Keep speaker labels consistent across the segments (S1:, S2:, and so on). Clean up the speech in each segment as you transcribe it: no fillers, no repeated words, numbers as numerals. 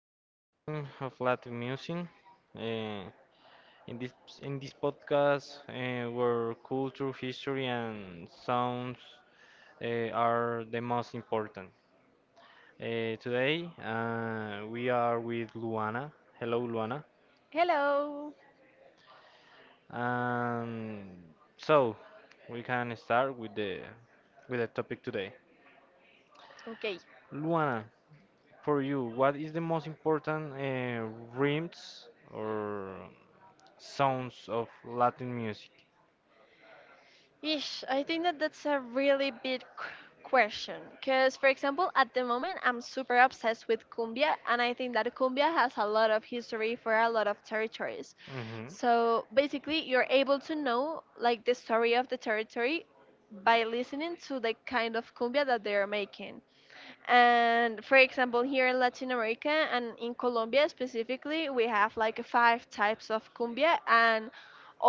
S1: to the Rhyme of Latin Music. Uh, in this in this podcast, where culture, history, and sounds are the most important. Today, we are with Luana. Hello, Luana.
S2: Hello.
S1: Um, so we can start with the topic today.
S2: Okay.
S1: Luana, for you, what is the most important rhymes or sounds of Latin music?
S2: Ish, I think that that's a really big question. Because, for example, at the moment, I'm super obsessed with cumbia, and I think that cumbia has a lot of history for a lot of territories.
S1: hmm
S2: So basically, you're able to know like the story of the territory by listening to the kind of cumbia that they are making. And for example, here in Latin America and in Colombia specifically, we have like five types of cumbia, and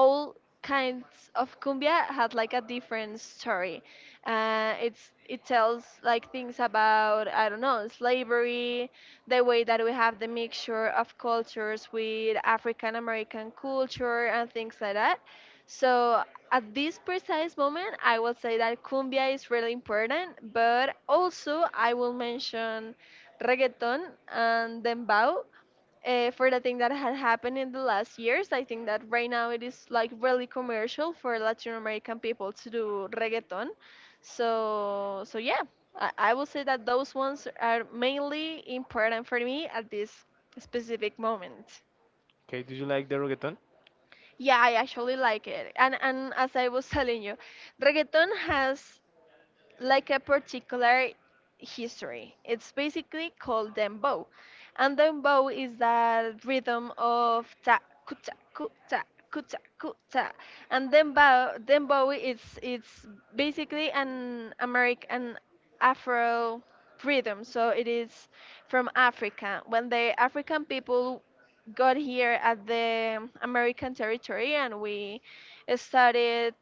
S2: all kinds of cumbia had like a different story. It tells like things about I don't know slavery, the way that we have the mixture of cultures with African American culture and things like that. So at this precise moment, I will say that cumbia is really important, but also I will mention reggaeton and dembow for the thing that had happened in the last years. I think that right now it is like really commercial for Latin American people to do reggaeton. So yeah, I will say that those ones are mainly important for me at this specific moment.
S1: Okay, do you like the reggaeton?
S2: Yeah, I actually like it. And as I was telling you, reggaeton has like a particular history. It's basically called dembow, and dembow is that rhythm of ta kuta kuta kuta kuta, and dembow is it's basically an American Afro rhythm. So it is from Africa. When the African people got here at the American territory and we started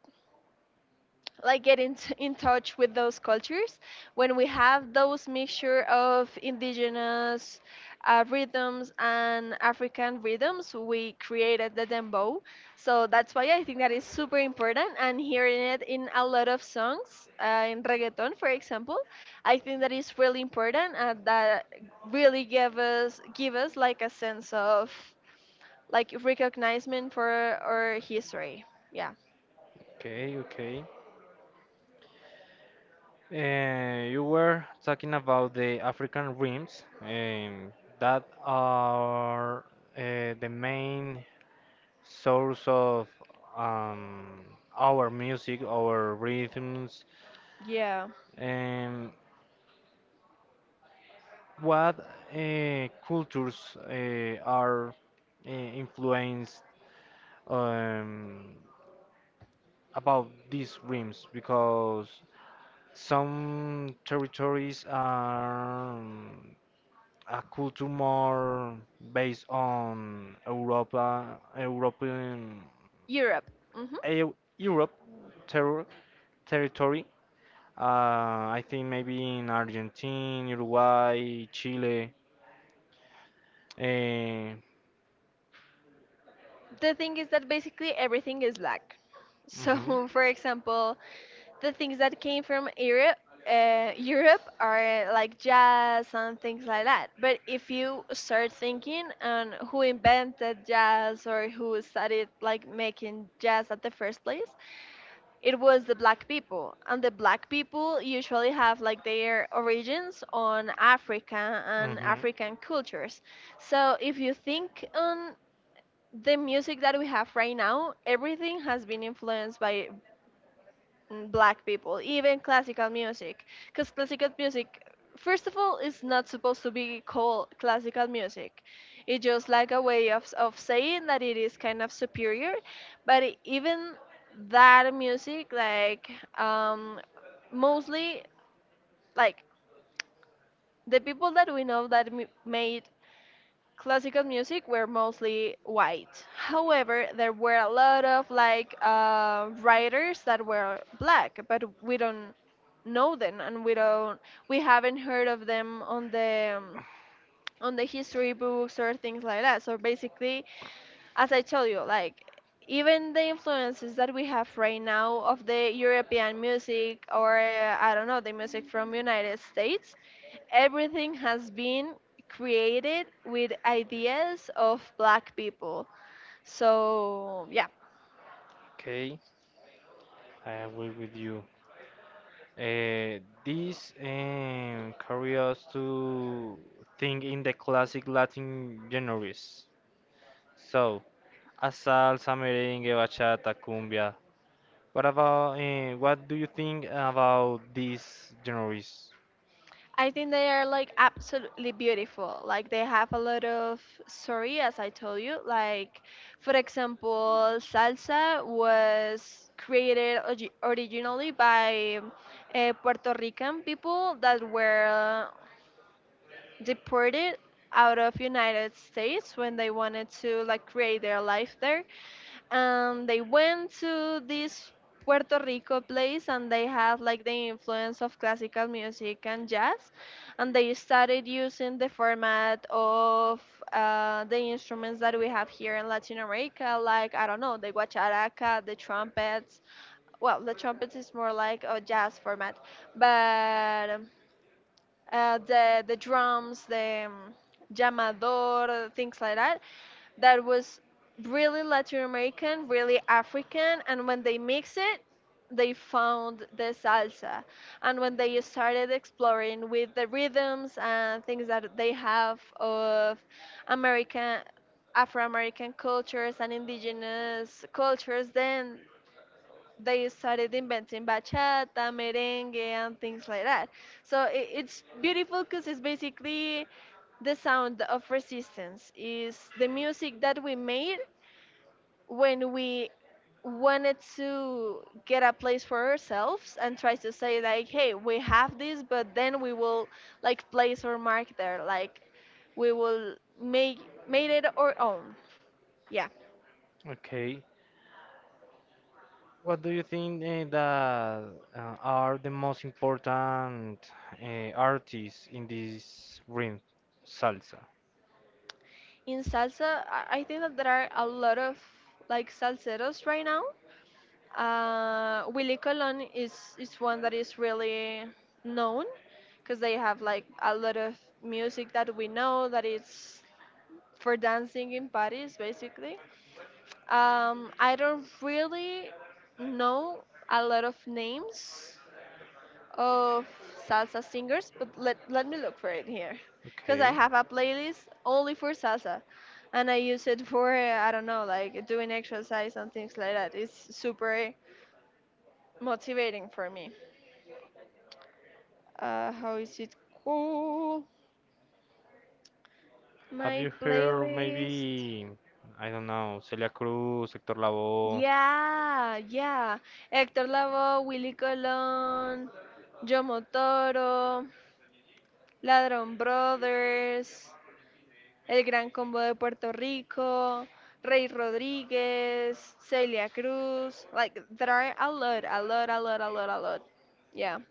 S2: like in touch with those cultures, when we have those mixture of indigenous rhythms and African rhythms, we created the dembow. So that's why I think that is super important, and hearing it in a lot of songs in reggaeton, for example, I think that is really important, and that really give us like a sense of like recognizement for our history. Yeah.
S1: Okay, okay. You were talking about the African rims that are the main source of um, our music, our rhythms.
S2: Yeah.
S1: Um, what cultures are influenced um, about these rims, because some territories are a culture more based on Europa, European,
S2: Europe. Hmm.
S1: Europe terror, territory. I think maybe in Argentina, Uruguay, Chile. Uh
S2: The thing is that basically everything is black. So,
S1: mhm.
S2: for example, the things that came from Europe are like jazz and things like that. But if you start thinking on who invented jazz or who started like making jazz at the first place, it was the black people, and the black people usually have like their origins on Africa and
S1: hmm
S2: African cultures. So if you think on the music that we have right now, everything has been influenced by black people, even classical music. Because classical music, first of all, is not supposed to be called classical music. It's just like a way of saying that it is kind of superior. But even that music, like, um, mostly, like, the people that we know that made classical music were mostly white. However, there were a lot of like writers that were black, but we don't know them, and we haven't heard of them on the history books or things like that. So basically, as I tell you, like even the influences that we have right now of the European music or I don't know the music from United States, everything has been created with ideas of black people. So yeah,
S1: Okay, I agree with you. This carry us to think in the classic Latin genres. So, a salsa, merengue, bachata, cumbia. What about what do you think about these genres?
S2: I think they are like absolutely beautiful. Like they have a lot of story, as I told you. Like, for example, salsa was created originally by Puerto Rican people that were deported out of United States when they wanted to like create their life there, and they went to this Puerto Rico place, and they have like the influence of classical music and jazz, and they started using the format of the instruments that we have here in Latin America, like I don't know the guacharaca, the trumpets. Well, the trumpets is more like a jazz format, but the drums, the llamador, things like that, that was really Latin American, really African, and when they mix it, they found the salsa. And when they started exploring with the rhythms and things that they have of American Afro American cultures and indigenous cultures, then they started inventing bachata, merengue, and things like that. So it's beautiful because it's basically the sound of resistance. Is the music that we made when we wanted to get a place for ourselves and try to say like, hey, we have this, but then we will like place our mark there. Like, we will make made it our own. Yeah.
S1: Okay, what do you think that are the most important artists in this ring? Salsa.
S2: In salsa, I think that there are a lot of like salseros right now. Willy Colon is one that is really known because they have like a lot of music that we know that is for dancing in parties basically. I don't really know a lot of names of salsa singers, but let me look for it here, because I
S1: Okay.
S2: have a playlist only for salsa, and I use it for I don't know like doing exercise and things like that. It's super motivating for me. How is it cool?
S1: Have
S2: My
S1: you heard
S2: playlist.
S1: maybe, I don't know, Celia Cruz, Hector Lavoe?
S2: Yeah, yeah. Héctor Lavoe, Willy Colon, Yo Motoro, Ladron Brothers. El Gran Combo de Puerto Rico, Rey Rodríguez, Celia Cruz. Like, there are a lot, a lot, a lot, a lot, a lot. Yeah.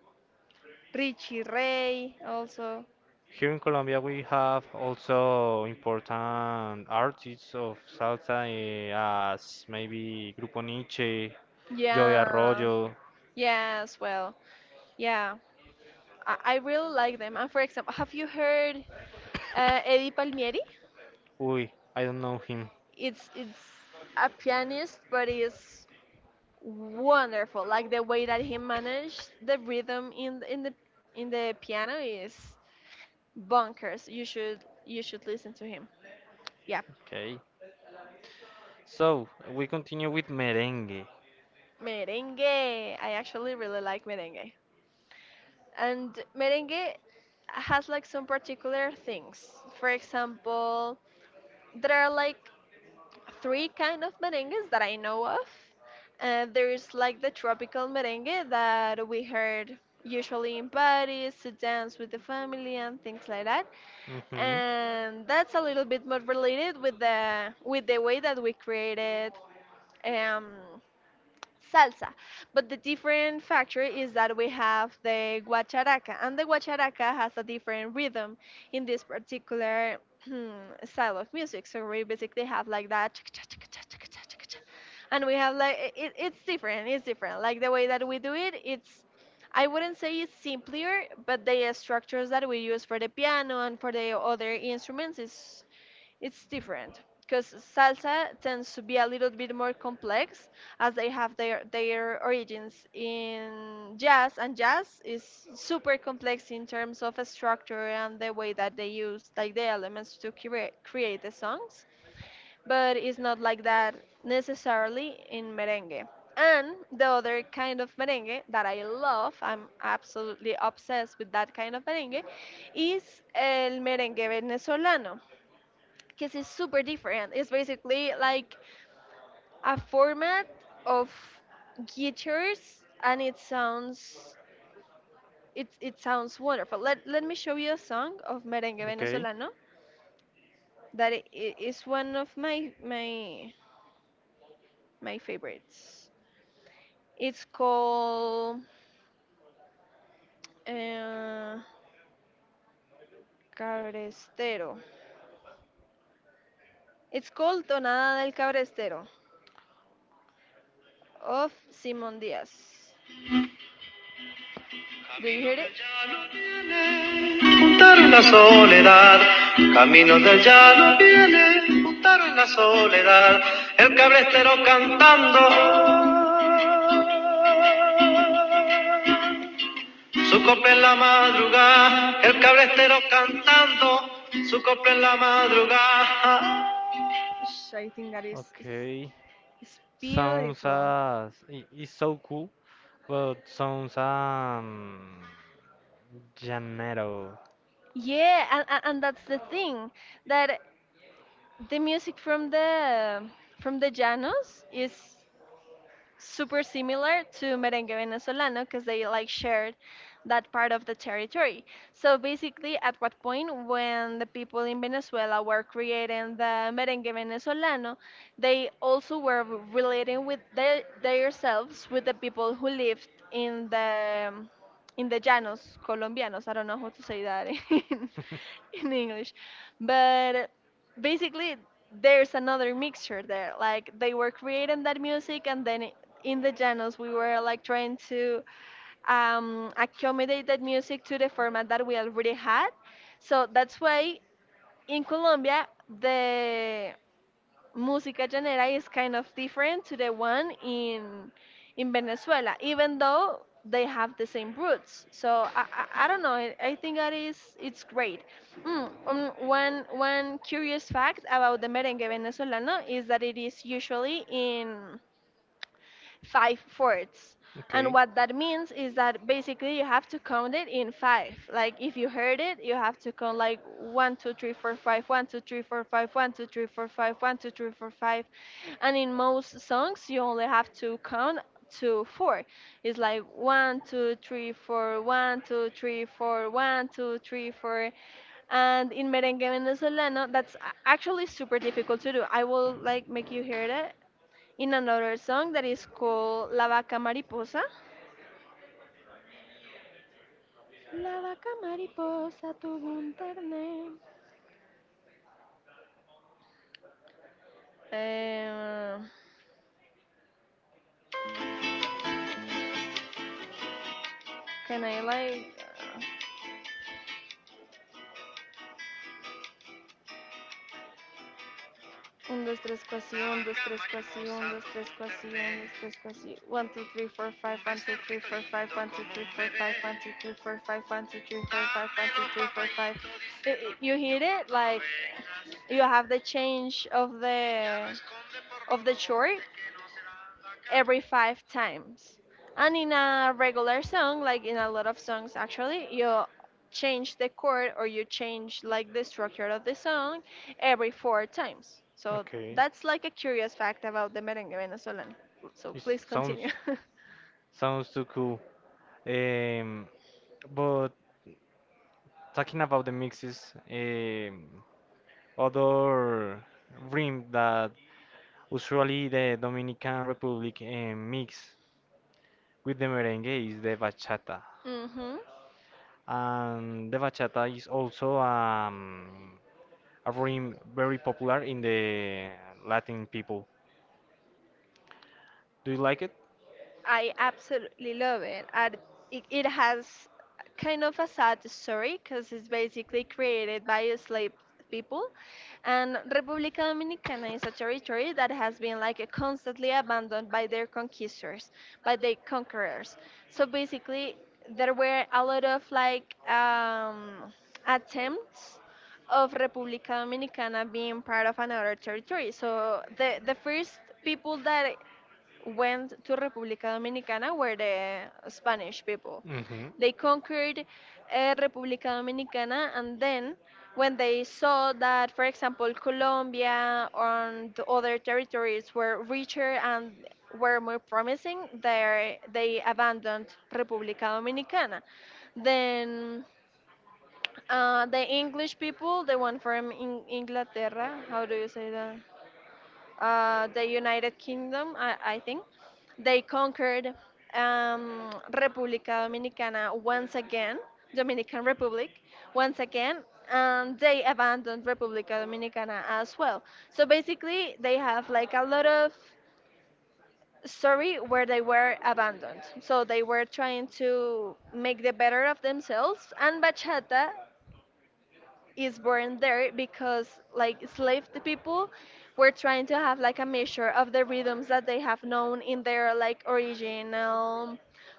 S2: Richie Ray also.
S1: Here in Colombia, we have also important artists of salsa, as maybe Grupo Nietzsche, Joey
S2: Yeah.
S1: Arroyo.
S2: Yeah, as well. Yeah. I really like them. And for example, have you heard Eddie Palmieri?
S1: Uy, I don't know him.
S2: It's a pianist, but it's wonderful. Like the way that he managed the rhythm in the piano is bonkers! You should listen to him. Yeah.
S1: Okay. So we continue with merengue.
S2: Merengue. I actually really like merengue. And merengue has like some particular things. For example, there are like three kind of merengues that I know of. There is like the tropical merengue that we heard usually in parties to dance with the family and things like that.
S1: hmm
S2: And that's a little bit more related with the way that we created um, salsa. But the different factor is that we have the guacharaca, and the guacharaca has a different rhythm in this particular style of music. So we basically have like that, and we have like it's different. It's different. Like the way that we do it, it's I wouldn't say it's simpler, but the structures that we use for the piano and for the other instruments is it's different because salsa tends to be a little bit more complex, as they have their origins in jazz, and jazz is super complex in terms of structure and the way that they use like the elements to create the songs, but it's not like that necessarily in merengue. And the other kind of merengue that I love, I'm absolutely obsessed with that kind of merengue, is el merengue venezolano because it's super different. It's basically like a format of guitars, and it sounds wonderful. Let me show you a song of merengue
S1: Okay.
S2: venezolano that is one of my favorites. It's called uh, Cabrestero. It's called Tonada del Cabrestero of Simon Diaz. Do you hear En la madrugada? I think that is it's,
S1: Okay.
S2: it's
S1: Sounds
S2: beautiful.
S1: as it's so cool, but sounds Janeiro.
S2: Yeah, and that's the thing, that the music from the Llanos is super similar to merengue venezolano because they like shared that part of the territory. So basically, at what point when the people in Venezuela were creating the merengue venezolano, they also were relating with themselves with the people who lived in the llanos colombianos. I don't know how to say that in, in English, but basically there's another mixture there, like they were creating that music and then in the channels we were like trying to accommodate that music to the format that we already had. So that's why in Colombia the Música Llanera is kind of different to the one in Venezuela, even though they have the same roots. So I don't know. I think that is it's great. One curious fact about the merengue venezolano is that it is usually in five fourths. And
S1: Okay.
S2: what that means is that basically you have to count it in five. Like if you heard it, you have to count like one, two, three, four, five, one, two, three, four, five, one, two, three, four, five, one, two, three, four, five. And in most songs, you only have to count to four. It's like one, two, three, four, one, two, three, four, one, two, three, four. And in merengue venezolano, that's actually super difficult to do. I will like make you hear it in another song that is called La Vaca Mariposa. La Vaca Mariposa tuvo un ternero. Eh, can I like. 1, 2, 3, cuasi, 1, 2, 3, cuasi, 1, two, three, quasi, one, two, three, quasi, one, two, three, four, five, one, two, three, four, five, one, two, three, four, five, one, two, three, four, five, one, two, three, four, five, one, two, three, four, five. You hear it? Like, you have the change of the chord every five times. And in a regular song, like in a lot of songs actually, you change the chord or you change like the structure of the song every four times. So
S1: Okay.
S2: that's like a curious fact about the merengue Venezuelan. So
S1: It
S2: please
S1: sounds,
S2: continue.
S1: sounds too cool. Um, but talking about the mixes, um, other rim that usually the Dominican Republic mix with the merengue is the bachata.
S2: Mhm.
S1: And the bachata is also a rhythm very popular in the Latin people. Do you like it?
S2: I absolutely love it. And it has kind of a sad story because it's basically created by slave people. And República Dominicana is a territory that has been like constantly abandoned by their conquistors, by their conquerors. So basically, there were a lot of like attempts of República Dominicana being part of another territory. So the first people that went to República Dominicana were the Spanish people.
S1: Mm-hmm.
S2: They conquered República Dominicana, and then when they saw that, for example, Colombia and the other territories were richer and were more promising, they abandoned República Dominicana. Then the English people, the one from Inglaterra, how do you say that? The United Kingdom, I think, they conquered República Dominicana once again, Dominican Republic once again, and they abandoned República Dominicana as well. So basically, they have like a lot of story where they were abandoned. So they were trying to make the better of themselves, and bachata is born there because like enslaved people were trying to have like a measure of the rhythms that they have known in their like original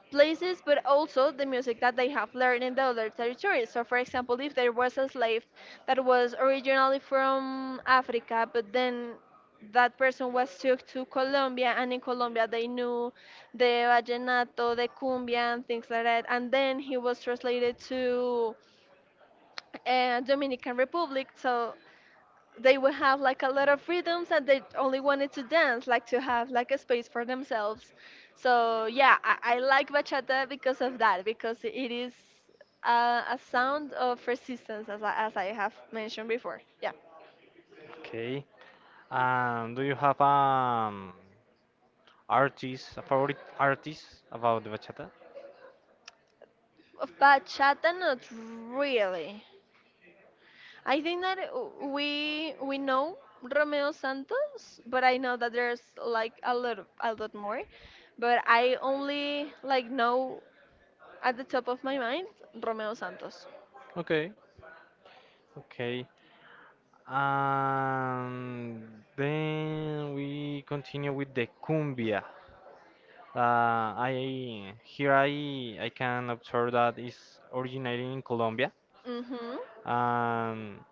S2: places, but also the music that they have learned in the other territories. So for example, if there was a slave that was originally from Africa, but then that person was took to Colombia, and in Colombia they knew the vallenato, the cumbia, and things like that. And then he was translated to and Dominican Republic. So they would have like a lot of freedoms and they only wanted to dance, like to have like a space for themselves. So yeah, I like bachata because of that, because it is a sound of resistance, as I have mentioned before. Yeah.
S1: Okay. Do you have artist, a favorite artist about the bachata?
S2: Of bachata, not really. I think that we know Romeo Santos, but I know that there's like a lot more. But I only like know. At the top of my mind, Romeo Santos.
S1: Okay. Okay. Um, then we continue with the cumbia. Uh, I here I can observe that is originating in Colombia.
S2: Mhm.
S1: Um,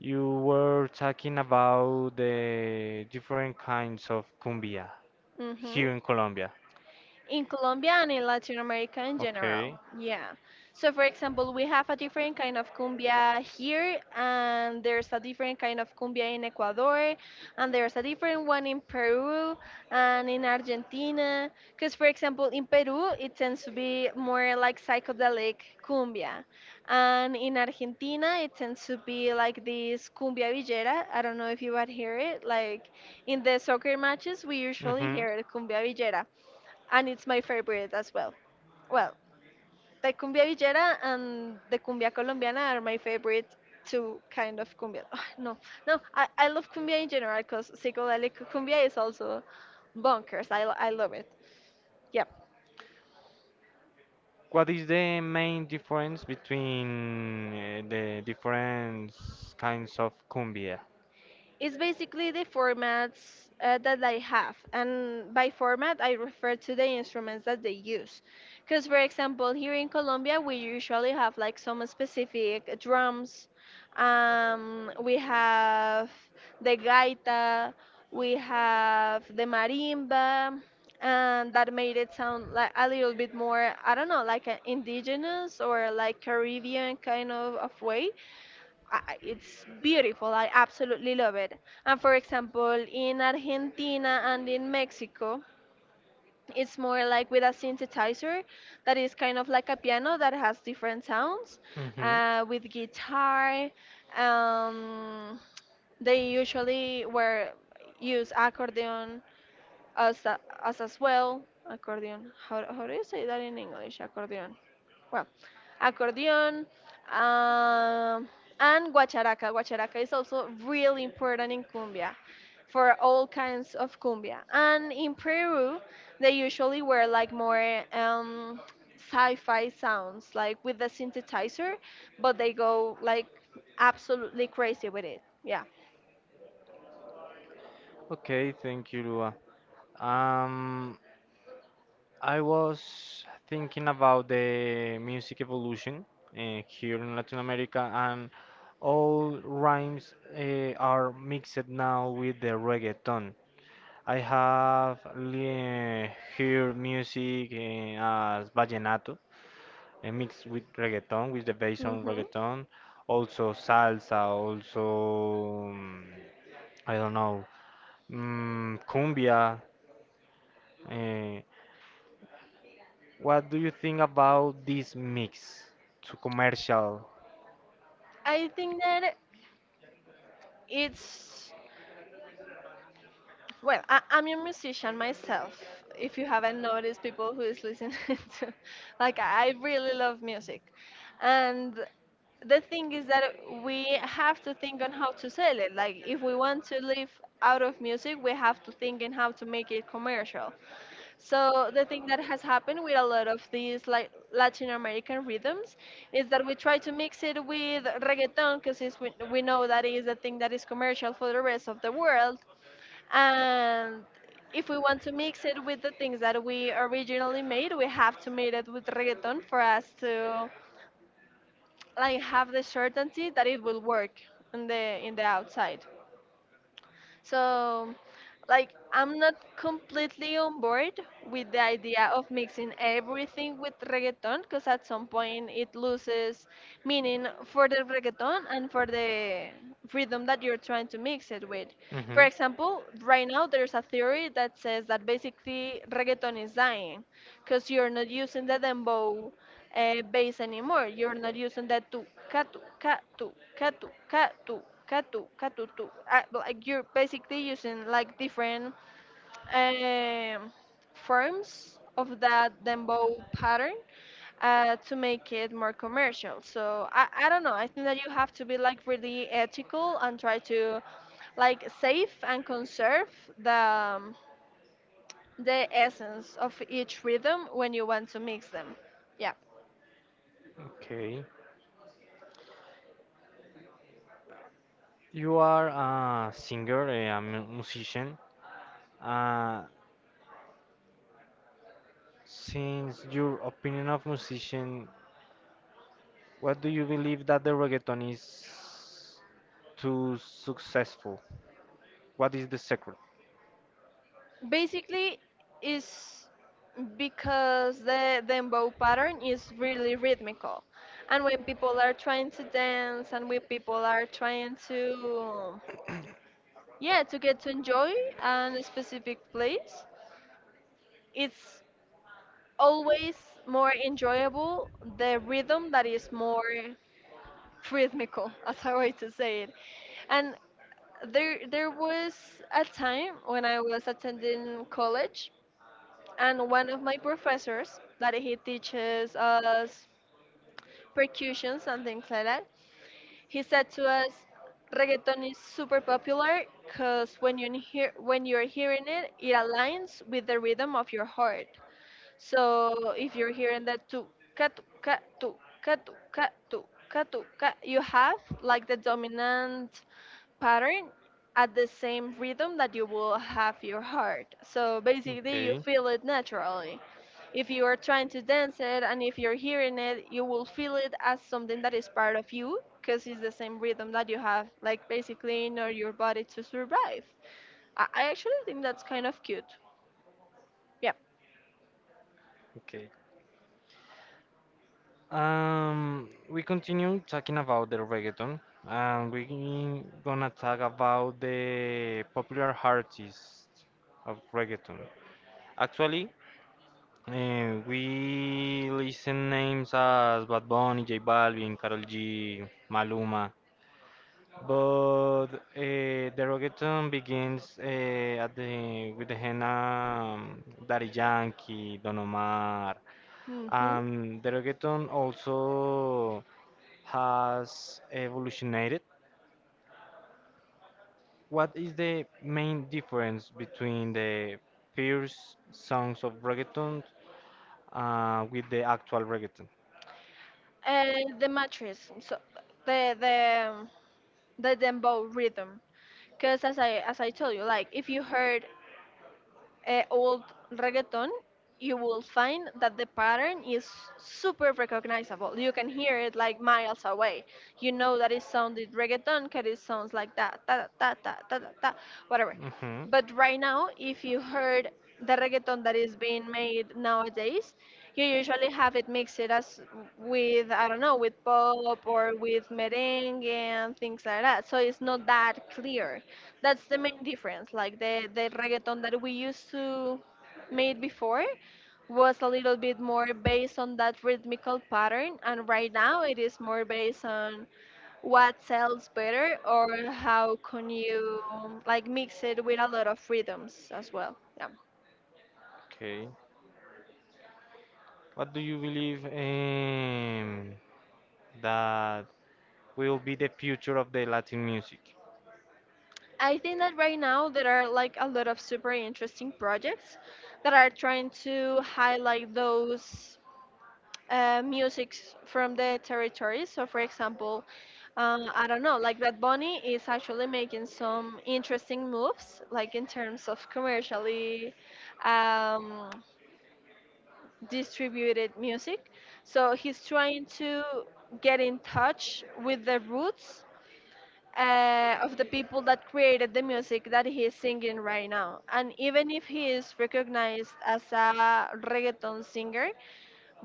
S1: you were talking about the different kinds of cumbia
S2: Mhm.
S1: here in Colombia.
S2: In Colombia and in Latin America in general.
S1: Okay.
S2: Yeah. So, for example, we have a different kind of cumbia here, and there's a different kind of cumbia in Ecuador, and there's a different one in Peru and in Argentina. Because, for example, in Peru, it tends to be more like psychedelic cumbia, and in Argentina, it tends to be like this cumbia villera. I don't know if you would hear it. Like in the soccer matches, we usually
S1: Mhm.
S2: hear cumbia villera and it's my favorite as well. Well, the cumbia villera and the cumbia colombiana are my favorite two kind of cumbia. No, no, I love cumbia in general because psicodelic cumbia is also bonkers. I love it. Yeah.
S1: What is the main difference between the different kinds of cumbia?
S2: It's basically the formats that I have, and by format I refer to the instruments that they use. Because, for example, here in Colombia we usually have like some specific drums. We have the gaita, we have the marimba, and that made it sound like a little bit more, I don't know, like an indigenous or like Caribbean kind of way. It's beautiful. I absolutely love it. And for example, in Argentina and in Mexico, it's more like with a synthesizer that is kind of like a piano that has different sounds,
S1: Mhm.
S2: with guitar. Um, they usually were use accordion as a, as well accordion. How do you say that in English? Accordion. Well, accordion. um, and guacharaca. Guacharaca is also really important in cumbia for all kinds of cumbia. And in Peru they usually wear like more sci-fi sounds like with the synthesizer, but they go like absolutely crazy with it. Yeah.
S1: Okay, thank you, Lua. Um, I was thinking about the music evolution here in Latin America, and all rhymes are mixed now with the reggaeton. I have heard music as vallenato, mixed with reggaeton, with the bass on
S2: Hmm.
S1: reggaeton, also salsa, also I don't know, cumbia. Uh, What do you think about this mix to commercial?
S2: I think that it's. Well, I'm a musician myself. If you haven't noticed, people who is listening to, like I really love music, and the thing is that we have to think on how to sell it. Like if we want to live out of music, we have to think in how to make it commercial. So the thing that has happened with a lot of these like Latin American rhythms is that we try to mix it with reggaeton because we know that is the thing that is commercial for the rest of the world. And if we want to mix it with the things that we originally made, we have to made it with reggaeton for us to like have the certainty that it will work in the outside. So, like, I'm not completely on board with the idea of mixing everything with reggaeton because at some point it loses meaning for the reggaeton and for the rhythm that you're trying to mix it with. For
S1: Mhm.
S2: example, right now there's a theory that says that basically reggaeton is dying because you're not using the dembow bass anymore. You're not using the tu, katu, katu, katu, katu. Katu, katutu. Like you're basically using like different um, forms of that dembow pattern to make it more commercial. So I don't know. I think that you have to be like really ethical and try to like save and conserve the um, the essence of each rhythm when you want to mix them. Yeah.
S1: Okay. You are a singer, a musician. Uh, Since your opinion of musician, what do you believe that the reggaeton is too successful? What is the secret?
S2: Basically, is because the dembow pattern is really rhythmical, and when people are trying to dance and when people are trying to, yeah, to get to enjoy an specific place, it's always more enjoyable the rhythm that is more rhythmical, as a way to say it. And there was a time when I was attending college and one of my professors that he teaches us percussions and things like that, he said to us reggaeton is super popular because when you hear, when you're hearing it, it aligns with the rhythm of your heart. So if you're hearing that tu katu katu katu katu katu ka, you have like the dominant pattern at the same rhythm that you will have your heart. So basically,
S1: Okay.
S2: you feel it naturally. If you are trying to dance it and if you're hearing it, you will feel it as something that is part of you because it's the same rhythm that you have, like basically in order your body to survive. I actually think that's kind of cute. Yep.
S1: Okay. We continue talking about the reggaeton, and we gonna talk about the popular artists of reggaeton. Actually, we listen names as Bad Bunny, J Balvin, Karol G, Maluma. But the reggaeton begins at the with the hand Daddy Yankee, Don Omar.
S2: Hmm.
S1: The reggaeton also has evolutionated. What is the main difference between the first songs of reggaeton with the actual reggaeton?
S2: And the mattress, so the the the dembow rhythm, because as I, as I told you, like if you heard old reggaeton, you will find that the pattern is super recognizable. You can hear it like miles away. You know that it sounded reggaeton because it sounds like that, da da da da da da, da, whatever.
S1: hmm
S2: But right now, if you heard the reggaeton that is being made nowadays, you usually have it mixed as with I don't know with pop or with merengue and things like that. So it's not that clear. That's the main difference. Like the reggaeton that we used to made before was a little bit more based on that rhythmical pattern, and right now it is more based on what sells better or how can you like mix it with a lot of rhythms as well. Yeah.
S1: Okay. What do you believe that will be the future of the Latin music?
S2: I think that right now there are like a lot of super interesting projects that are trying to highlight those musics from the territory. So, for example, I don't know, like Bad Bunny is actually making some interesting moves, like in terms of commercially um, distributed music. So, he's trying to get in touch with the roots. Of the people that created the music that he is singing right now. And even if he is recognized as a reggaeton singer,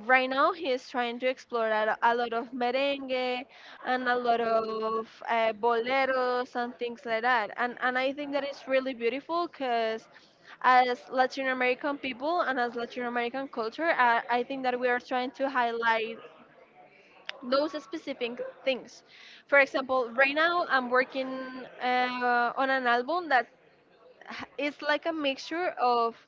S2: right now he's trying to explore a lot of merengue and a lot of boleros and things like that. And I think that is really beautiful because as Latin American people and as Latin American culture, I think that we are trying to highlight those specific things. For example, right now I'm working on an album that is like a mixture of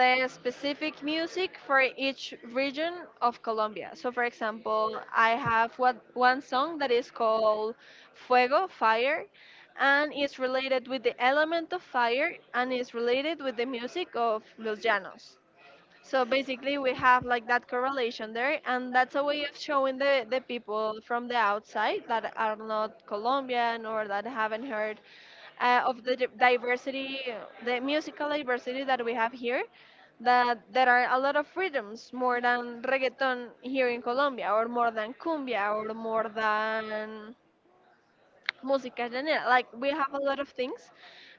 S2: the specific music for each region of Colombia. So, for example, I have one song that is called Fuego, Fire, and it's related with the element of fire and is related with the music of Los Llanos. So basically, we have like that correlation there, and that's a way of showing the people from the outside that are not Colombian or that haven't heard of the diversity, the musical diversity that we have here, that there are a lot of freedoms more than reggaeton here in Colombia, or more than cumbia, or more than música llanera. Like we have a lot of things,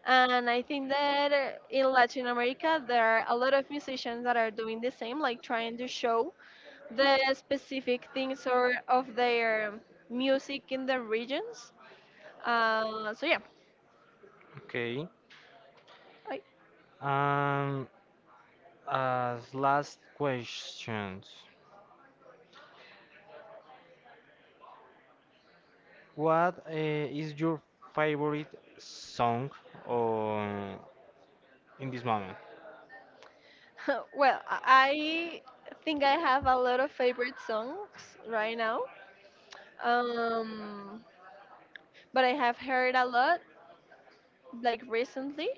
S2: and I think that in Latin America there are a lot of musicians that are doing the same, like trying to show the specific things or of their music in the regions. So yeah,
S1: Okay.
S2: I.
S1: Um, as last questions, what is your favorite song on, in this moment?
S2: Well, I think I have a lot of favorite songs right now. Um, but I have heard a lot, like recently,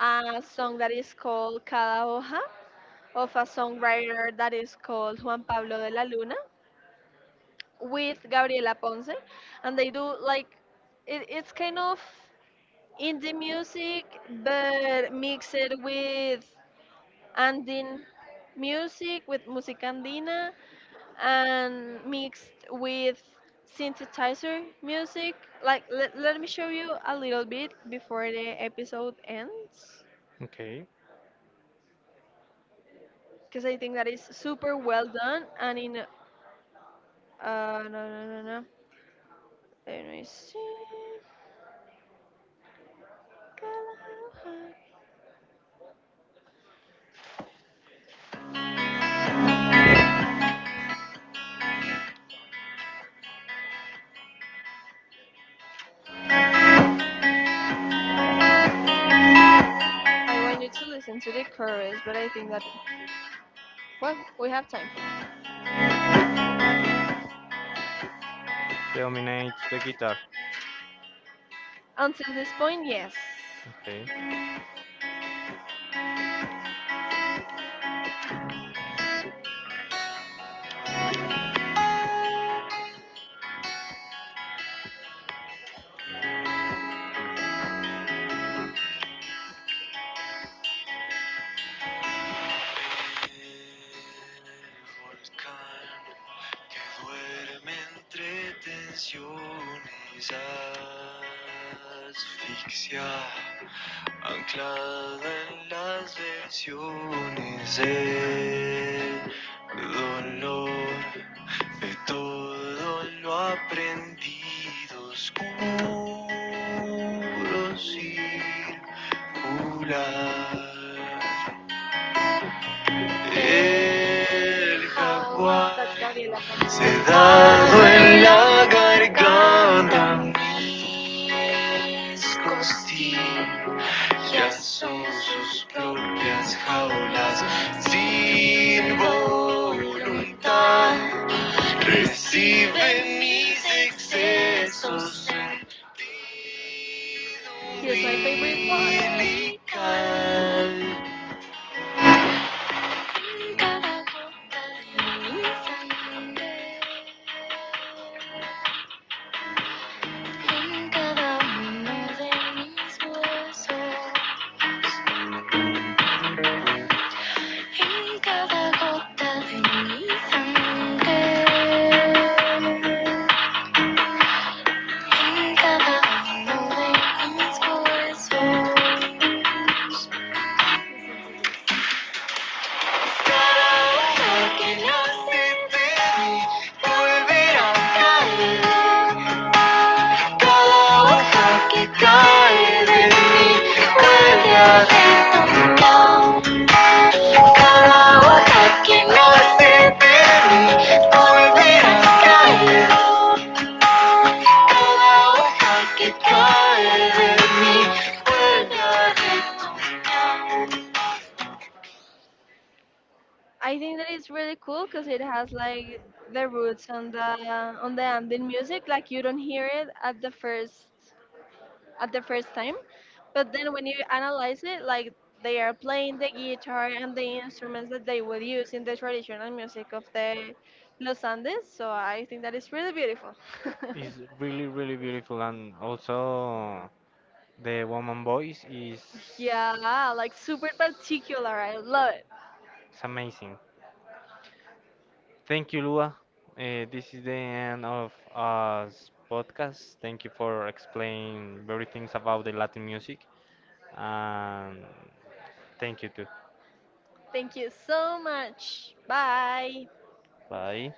S2: a song that is called Cada Hoja of a songwriter that is called Juan Pablo de la Luna with Gabriela Ponce, and they do like it, it's kind of indie music but mixed with Andin music, with música andina, and mixed with synthesizer music. Like, let me show you a little bit before the episode ends,
S1: Okay.
S2: because I think that is super well done and in. No, no, no, no. Let me see. I want you to listen to the chorus, but I think that, well, we have time.
S1: Predominates the guitar.
S2: Until this point, yes.
S1: Okay.
S2: Asfixia anclada en las versiones del dolor. De todo lo aprendido oscuro circular. El jaguar sedado la garganta. Mis costillas son sus propias jaulas sin voluntad. Recibe mis excesos. Here's my favorite part. Cada que nace de mí a caer. Cada hoja que cae de mí vuelve a resonar. Cada que nace de mí a caer. Cada que cae de mí vuelve a resonar. I think that it's really cool because it has like the roots on the ambient music. Like you don't hear it at the first time, but then when you analyze it, like they are playing the guitar and the instruments that they would use in the traditional music of the Los Andes. So I think that is really beautiful.
S1: It's really, really beautiful. And also, the woman voice is
S2: Yeah, like super particular. I love it.
S1: it's amazing. Thank you, Lua. This is the end of us podcast. Thank you for explaining very things about the Latin music. And thank you too.
S2: Thank you so much. Bye.
S1: Bye.